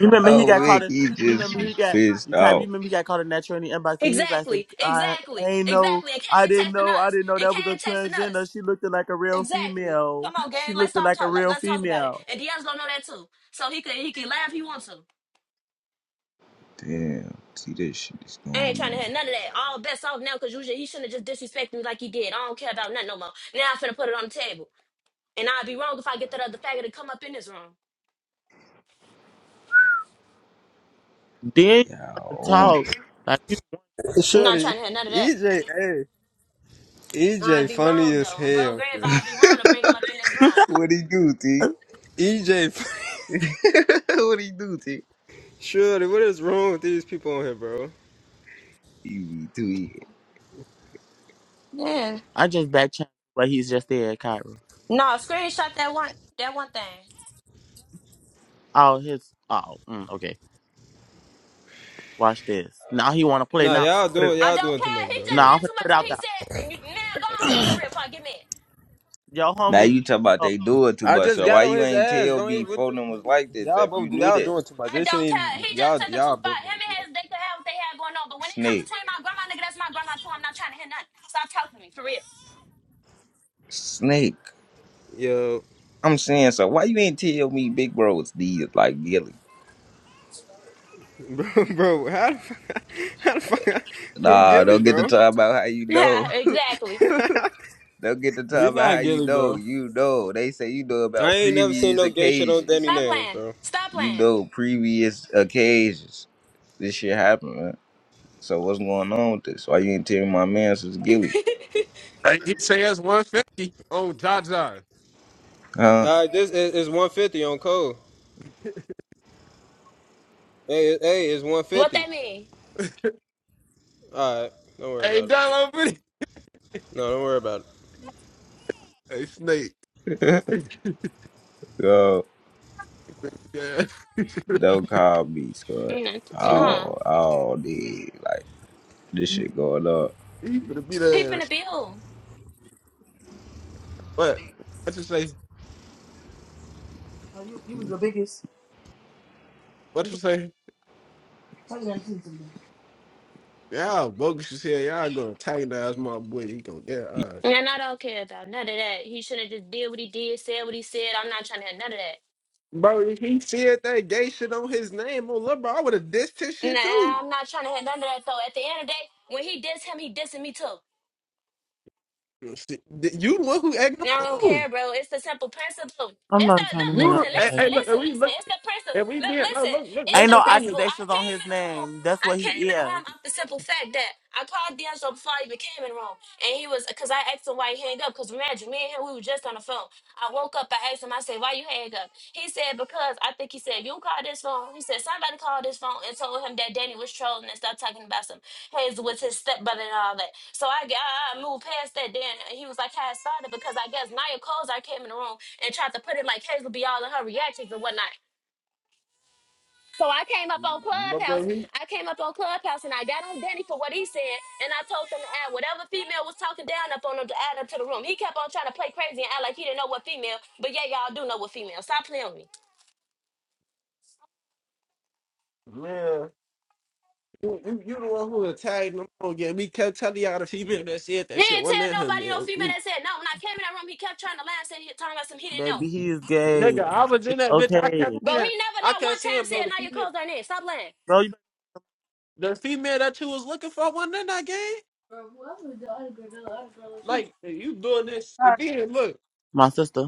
[SPEAKER 2] You remember he
[SPEAKER 3] Oh,
[SPEAKER 2] got caught
[SPEAKER 3] Vic,
[SPEAKER 2] in.
[SPEAKER 3] he
[SPEAKER 2] You
[SPEAKER 3] just
[SPEAKER 2] remember he
[SPEAKER 3] was
[SPEAKER 2] got. You
[SPEAKER 3] pissed
[SPEAKER 2] Kyrie, you
[SPEAKER 3] off.
[SPEAKER 2] remember he got caught in that tranny inbox. And he was like, some-
[SPEAKER 1] Exactly,
[SPEAKER 2] "I
[SPEAKER 1] exactly,
[SPEAKER 2] ain't no.
[SPEAKER 1] exactly. And
[SPEAKER 2] I
[SPEAKER 1] Kane
[SPEAKER 2] didn't know.
[SPEAKER 1] texting
[SPEAKER 2] I
[SPEAKER 1] us.
[SPEAKER 2] didn't know
[SPEAKER 1] And
[SPEAKER 2] that was a
[SPEAKER 1] Kane texting us.
[SPEAKER 2] transgender. She looked like a real
[SPEAKER 1] Exactly.
[SPEAKER 2] female.
[SPEAKER 1] Come on,
[SPEAKER 2] She
[SPEAKER 1] gang. Let's
[SPEAKER 2] looked
[SPEAKER 1] stop
[SPEAKER 2] like a
[SPEAKER 1] talk. Let,
[SPEAKER 2] real
[SPEAKER 1] us talk about it.
[SPEAKER 2] female."
[SPEAKER 1] And Dion's gonna know that too. So he can he can laugh if he wants to.
[SPEAKER 3] Damn, see that shit is going
[SPEAKER 1] I ain't trying to
[SPEAKER 3] on.
[SPEAKER 1] have none of that. All bets off now because usually he shouldn't have just disrespected me like he did. I don't care about nothing no more. Now I'm finna put it on the table. And I'd be wrong if I get that other faggot to come up in this room.
[SPEAKER 2] Then you want
[SPEAKER 3] Y'all
[SPEAKER 2] to
[SPEAKER 3] on it.
[SPEAKER 2] talk like you.
[SPEAKER 1] I'm not
[SPEAKER 5] Shorty,
[SPEAKER 1] trying to have none of that.
[SPEAKER 5] EJ, hey,
[SPEAKER 1] I'd
[SPEAKER 5] EJ,
[SPEAKER 1] be
[SPEAKER 5] funny
[SPEAKER 1] wrong
[SPEAKER 5] as
[SPEAKER 1] though. On bro
[SPEAKER 5] hell,
[SPEAKER 1] grave,
[SPEAKER 5] bro.
[SPEAKER 1] I'd be wrong to bring him up in this room.
[SPEAKER 3] What he do, T?
[SPEAKER 5] EJ,
[SPEAKER 3] what he do, T?
[SPEAKER 5] Shorty, what is wrong with these people on here, bro?
[SPEAKER 3] He be tweeting.
[SPEAKER 1] Yeah.
[SPEAKER 2] I just back channeled but he's just there at Cairo.
[SPEAKER 1] No, screenshot that one that one thing.
[SPEAKER 2] Oh, his. Oh, mm, okay. Watch this. Now he want to play
[SPEAKER 5] Nah,
[SPEAKER 2] now.
[SPEAKER 5] y'all
[SPEAKER 2] Put it.
[SPEAKER 5] doing
[SPEAKER 1] I
[SPEAKER 5] y'all
[SPEAKER 1] don't
[SPEAKER 5] doing too
[SPEAKER 1] care.
[SPEAKER 5] much,
[SPEAKER 1] He
[SPEAKER 5] bro. We
[SPEAKER 1] just
[SPEAKER 2] Now I'm
[SPEAKER 1] did
[SPEAKER 5] ain't-
[SPEAKER 2] gonna
[SPEAKER 1] too
[SPEAKER 2] put
[SPEAKER 1] much
[SPEAKER 2] it
[SPEAKER 1] when
[SPEAKER 2] out
[SPEAKER 1] he
[SPEAKER 2] there.
[SPEAKER 1] said, "N- now go ahead, for real, fuck, get mad.
[SPEAKER 2] Your
[SPEAKER 3] Now
[SPEAKER 2] homie.
[SPEAKER 3] you talk about
[SPEAKER 2] get
[SPEAKER 3] they do it too
[SPEAKER 5] I
[SPEAKER 3] much,
[SPEAKER 5] just
[SPEAKER 3] so
[SPEAKER 5] got
[SPEAKER 3] why
[SPEAKER 5] on
[SPEAKER 3] you
[SPEAKER 5] his
[SPEAKER 3] ain't
[SPEAKER 5] ass.
[SPEAKER 3] tell
[SPEAKER 5] Don't
[SPEAKER 3] me
[SPEAKER 5] even what the,
[SPEAKER 3] them was like this
[SPEAKER 5] y'all
[SPEAKER 3] if you
[SPEAKER 5] both
[SPEAKER 3] knew
[SPEAKER 5] y'all
[SPEAKER 3] this?
[SPEAKER 5] doing too much.
[SPEAKER 1] I
[SPEAKER 5] This
[SPEAKER 1] don't
[SPEAKER 5] shouldn't
[SPEAKER 1] care.
[SPEAKER 5] even
[SPEAKER 1] He just
[SPEAKER 5] y'all
[SPEAKER 1] took it too
[SPEAKER 5] y'all
[SPEAKER 1] far.
[SPEAKER 5] both
[SPEAKER 1] Him
[SPEAKER 5] doing
[SPEAKER 1] and
[SPEAKER 5] too
[SPEAKER 1] his,
[SPEAKER 5] much.
[SPEAKER 1] they could have what they had going on. But when it comes
[SPEAKER 3] Snake.
[SPEAKER 1] between my grandma, nigga, that's my grandma too. I'm not trying to hear nothing. Stop talking to me, for real.
[SPEAKER 3] Snake.
[SPEAKER 5] Yo,
[SPEAKER 3] I'm saying, so why you ain't tell me Big Bro It's these like Gilly?
[SPEAKER 5] bro, bro, how the fuck, how the fuck, who
[SPEAKER 3] Nah,
[SPEAKER 5] Gilly,
[SPEAKER 3] don't get to
[SPEAKER 5] bro?
[SPEAKER 3] talk about how you
[SPEAKER 1] Yeah,
[SPEAKER 3] know.
[SPEAKER 1] exactly.
[SPEAKER 3] Don't get to
[SPEAKER 5] He
[SPEAKER 3] talk about how
[SPEAKER 5] not
[SPEAKER 3] you
[SPEAKER 5] Gilly,
[SPEAKER 3] know.
[SPEAKER 5] bro.
[SPEAKER 3] You know. They say you know
[SPEAKER 5] I
[SPEAKER 3] about
[SPEAKER 5] ain't never seen
[SPEAKER 3] previous
[SPEAKER 5] no gay shit on
[SPEAKER 3] occasions.
[SPEAKER 5] Danny
[SPEAKER 1] Stop
[SPEAKER 5] names,
[SPEAKER 1] playing.
[SPEAKER 5] bro.
[SPEAKER 1] Stop
[SPEAKER 3] you
[SPEAKER 1] playing.
[SPEAKER 3] know, previous occasions this shit happened, man. So what's going on with this? Why you ain't telling my man since Gilly?
[SPEAKER 4] Hey, he says 150 on Jaja.
[SPEAKER 3] Huh?
[SPEAKER 5] All right, this is, is 150 on Cole. Hey, it- hey, it's
[SPEAKER 1] What
[SPEAKER 5] 150.
[SPEAKER 1] that mean?
[SPEAKER 5] All right, don't worry
[SPEAKER 4] Hey,
[SPEAKER 5] about it.
[SPEAKER 4] Don over
[SPEAKER 5] No, don't worry about it.
[SPEAKER 4] Hey, Snake.
[SPEAKER 3] so
[SPEAKER 4] Yeah.
[SPEAKER 3] don't call me, Scott.
[SPEAKER 1] Nothing,
[SPEAKER 4] so you,
[SPEAKER 1] huh?
[SPEAKER 3] Oh, oh, dude. Like, this
[SPEAKER 4] you,
[SPEAKER 3] shit going on.
[SPEAKER 4] you finna be
[SPEAKER 1] He
[SPEAKER 4] there.
[SPEAKER 1] finna be who?
[SPEAKER 4] What? What you say? What you say?
[SPEAKER 2] Oh,
[SPEAKER 4] Y'all bogus as hell. Y'all gonna antagonize my boy. He gonna get all right.
[SPEAKER 1] And I don't care about none of that. He should have just did what he did, said what he said. I'm not trying to hear none of that.
[SPEAKER 4] Bro, he said that gay shit on his name on love, bro. I would have dissed his shit
[SPEAKER 1] Nah,
[SPEAKER 4] too.
[SPEAKER 1] I'm not trying to hear none of that, though. At the end of the day, when he diss him, he dissing me too.
[SPEAKER 4] You see- th- you the one who egged him
[SPEAKER 1] And I don't
[SPEAKER 4] on.
[SPEAKER 1] care, bro. It's the simple principle.
[SPEAKER 2] I'm
[SPEAKER 1] It's the
[SPEAKER 2] not trying to
[SPEAKER 1] look,
[SPEAKER 2] hear
[SPEAKER 4] You
[SPEAKER 2] none
[SPEAKER 4] the
[SPEAKER 2] of
[SPEAKER 1] listen,
[SPEAKER 4] hey,
[SPEAKER 1] listen,
[SPEAKER 4] hey
[SPEAKER 2] that.
[SPEAKER 4] look, and
[SPEAKER 1] listen,
[SPEAKER 4] we
[SPEAKER 1] listen.
[SPEAKER 4] look
[SPEAKER 1] It's the principle.
[SPEAKER 4] and we
[SPEAKER 1] Look,
[SPEAKER 4] being no
[SPEAKER 1] listen.
[SPEAKER 4] look look
[SPEAKER 1] It's
[SPEAKER 2] ain't
[SPEAKER 1] the
[SPEAKER 4] listen
[SPEAKER 2] no
[SPEAKER 4] for me.
[SPEAKER 1] principle. I
[SPEAKER 2] accusations on
[SPEAKER 1] came
[SPEAKER 2] his
[SPEAKER 1] in the room.
[SPEAKER 2] name. That's
[SPEAKER 1] I
[SPEAKER 2] what
[SPEAKER 1] came
[SPEAKER 2] he
[SPEAKER 1] in the
[SPEAKER 2] is,
[SPEAKER 1] room off the simple fact that I called D'Angelo before I even came in the room, And he was, because I asked him why he hang up. Because imagine, me and him, we were just on the phone. I woke up, I asked him, I said, why you hang up? He said, because I think he said, you called this phone. He said, somebody called this phone and told him that Danny was trolling and stuff talking about some Hazel was his stepbrother and all that. So I, I, I moved past that then. And he was like, how it started because I guess Nia Coles, I came in the room and tried to put it like Hazel be all in her reactions and whatnot. So I came up on
[SPEAKER 4] But bro,
[SPEAKER 1] Clubhouse.
[SPEAKER 4] he,
[SPEAKER 1] I came up on Clubhouse and I got on Danny for what he said. And I told him to add whatever female was talking down up on him to add up to the room. He kept on trying to play crazy and act like he didn't know what female. But yeah, y'all do know what female. Stop playing with me.
[SPEAKER 4] yeah. You, you you the one who attacked them on again. We kept telling y'all the female that said
[SPEAKER 1] He
[SPEAKER 4] that shit
[SPEAKER 1] didn't
[SPEAKER 4] wasn't
[SPEAKER 1] tell
[SPEAKER 4] in her,
[SPEAKER 1] nobody no
[SPEAKER 4] man.
[SPEAKER 1] female
[SPEAKER 4] You-
[SPEAKER 1] that said no. When I came in that room, he kept trying to lie and said he talking about some he didn't know.
[SPEAKER 2] baby. He is
[SPEAKER 4] Nigga,
[SPEAKER 2] gay.
[SPEAKER 4] I was in that bitch. I kept
[SPEAKER 2] Okay,
[SPEAKER 1] Bro, he
[SPEAKER 4] seeing,
[SPEAKER 1] never
[SPEAKER 4] I
[SPEAKER 1] not
[SPEAKER 4] kept
[SPEAKER 1] one time
[SPEAKER 4] seeing, bro.
[SPEAKER 1] said
[SPEAKER 4] The
[SPEAKER 1] now your
[SPEAKER 4] female,
[SPEAKER 1] clothes aren't in. Stop lying.
[SPEAKER 2] bro. You
[SPEAKER 4] the female that you was looking for wasn't in that game. Like you doing this and
[SPEAKER 2] better
[SPEAKER 4] then look,
[SPEAKER 2] my sister.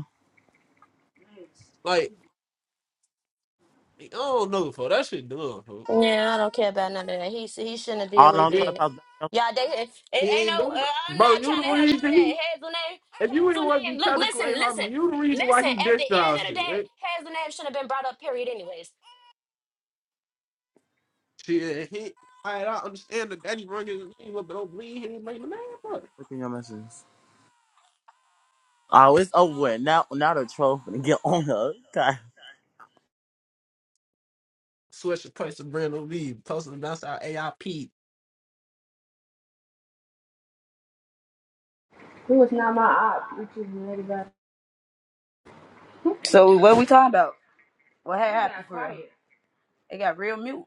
[SPEAKER 4] like I don't know, for that shit done, bro.
[SPEAKER 1] Yeah, I don't care about none of that. He he shouldn't have did
[SPEAKER 2] All
[SPEAKER 1] what he
[SPEAKER 2] on
[SPEAKER 4] Then
[SPEAKER 1] did.
[SPEAKER 2] Clubhouse. Back up
[SPEAKER 1] Y'all, they it
[SPEAKER 4] he
[SPEAKER 1] ain't no.
[SPEAKER 4] ain't doing, it.
[SPEAKER 1] Uh, I'm
[SPEAKER 4] bro.
[SPEAKER 1] not trying
[SPEAKER 4] You the
[SPEAKER 1] to have none of
[SPEAKER 4] reason
[SPEAKER 1] that.
[SPEAKER 4] he,
[SPEAKER 1] Hazel name,
[SPEAKER 4] if you ain't
[SPEAKER 1] Hazel
[SPEAKER 4] want to be
[SPEAKER 1] Look,
[SPEAKER 4] technical,
[SPEAKER 1] listen,
[SPEAKER 4] ain't
[SPEAKER 1] listen,
[SPEAKER 4] harmony. You the reason why
[SPEAKER 1] listen.
[SPEAKER 4] he
[SPEAKER 1] At
[SPEAKER 4] dissed
[SPEAKER 1] the end
[SPEAKER 4] y'all
[SPEAKER 1] of the
[SPEAKER 4] shit.
[SPEAKER 1] day,
[SPEAKER 4] Right?
[SPEAKER 1] Hazel shouldn't have been brought up. Period. Anyways,
[SPEAKER 4] Shit, he. I, I understand that Danny Run is a name, but don't believe he ain't making the name, bro.
[SPEAKER 2] Looking your messages. Oh, it's over with. Now, now the troll finna get on her. God.
[SPEAKER 4] Switch the price of brand new leave. Posting about our AIP.
[SPEAKER 7] So what we talking about? What had happened for real? It got real mute.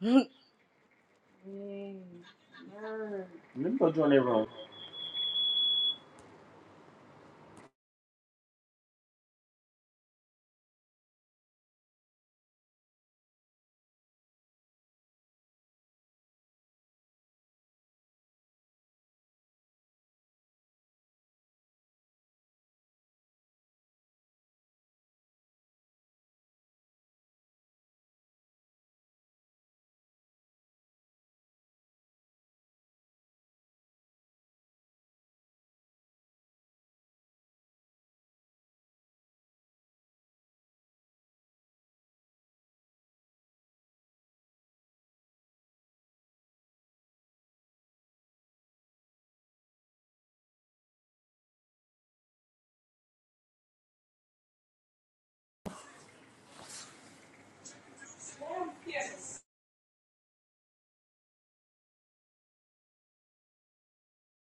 [SPEAKER 7] Let me go join their room.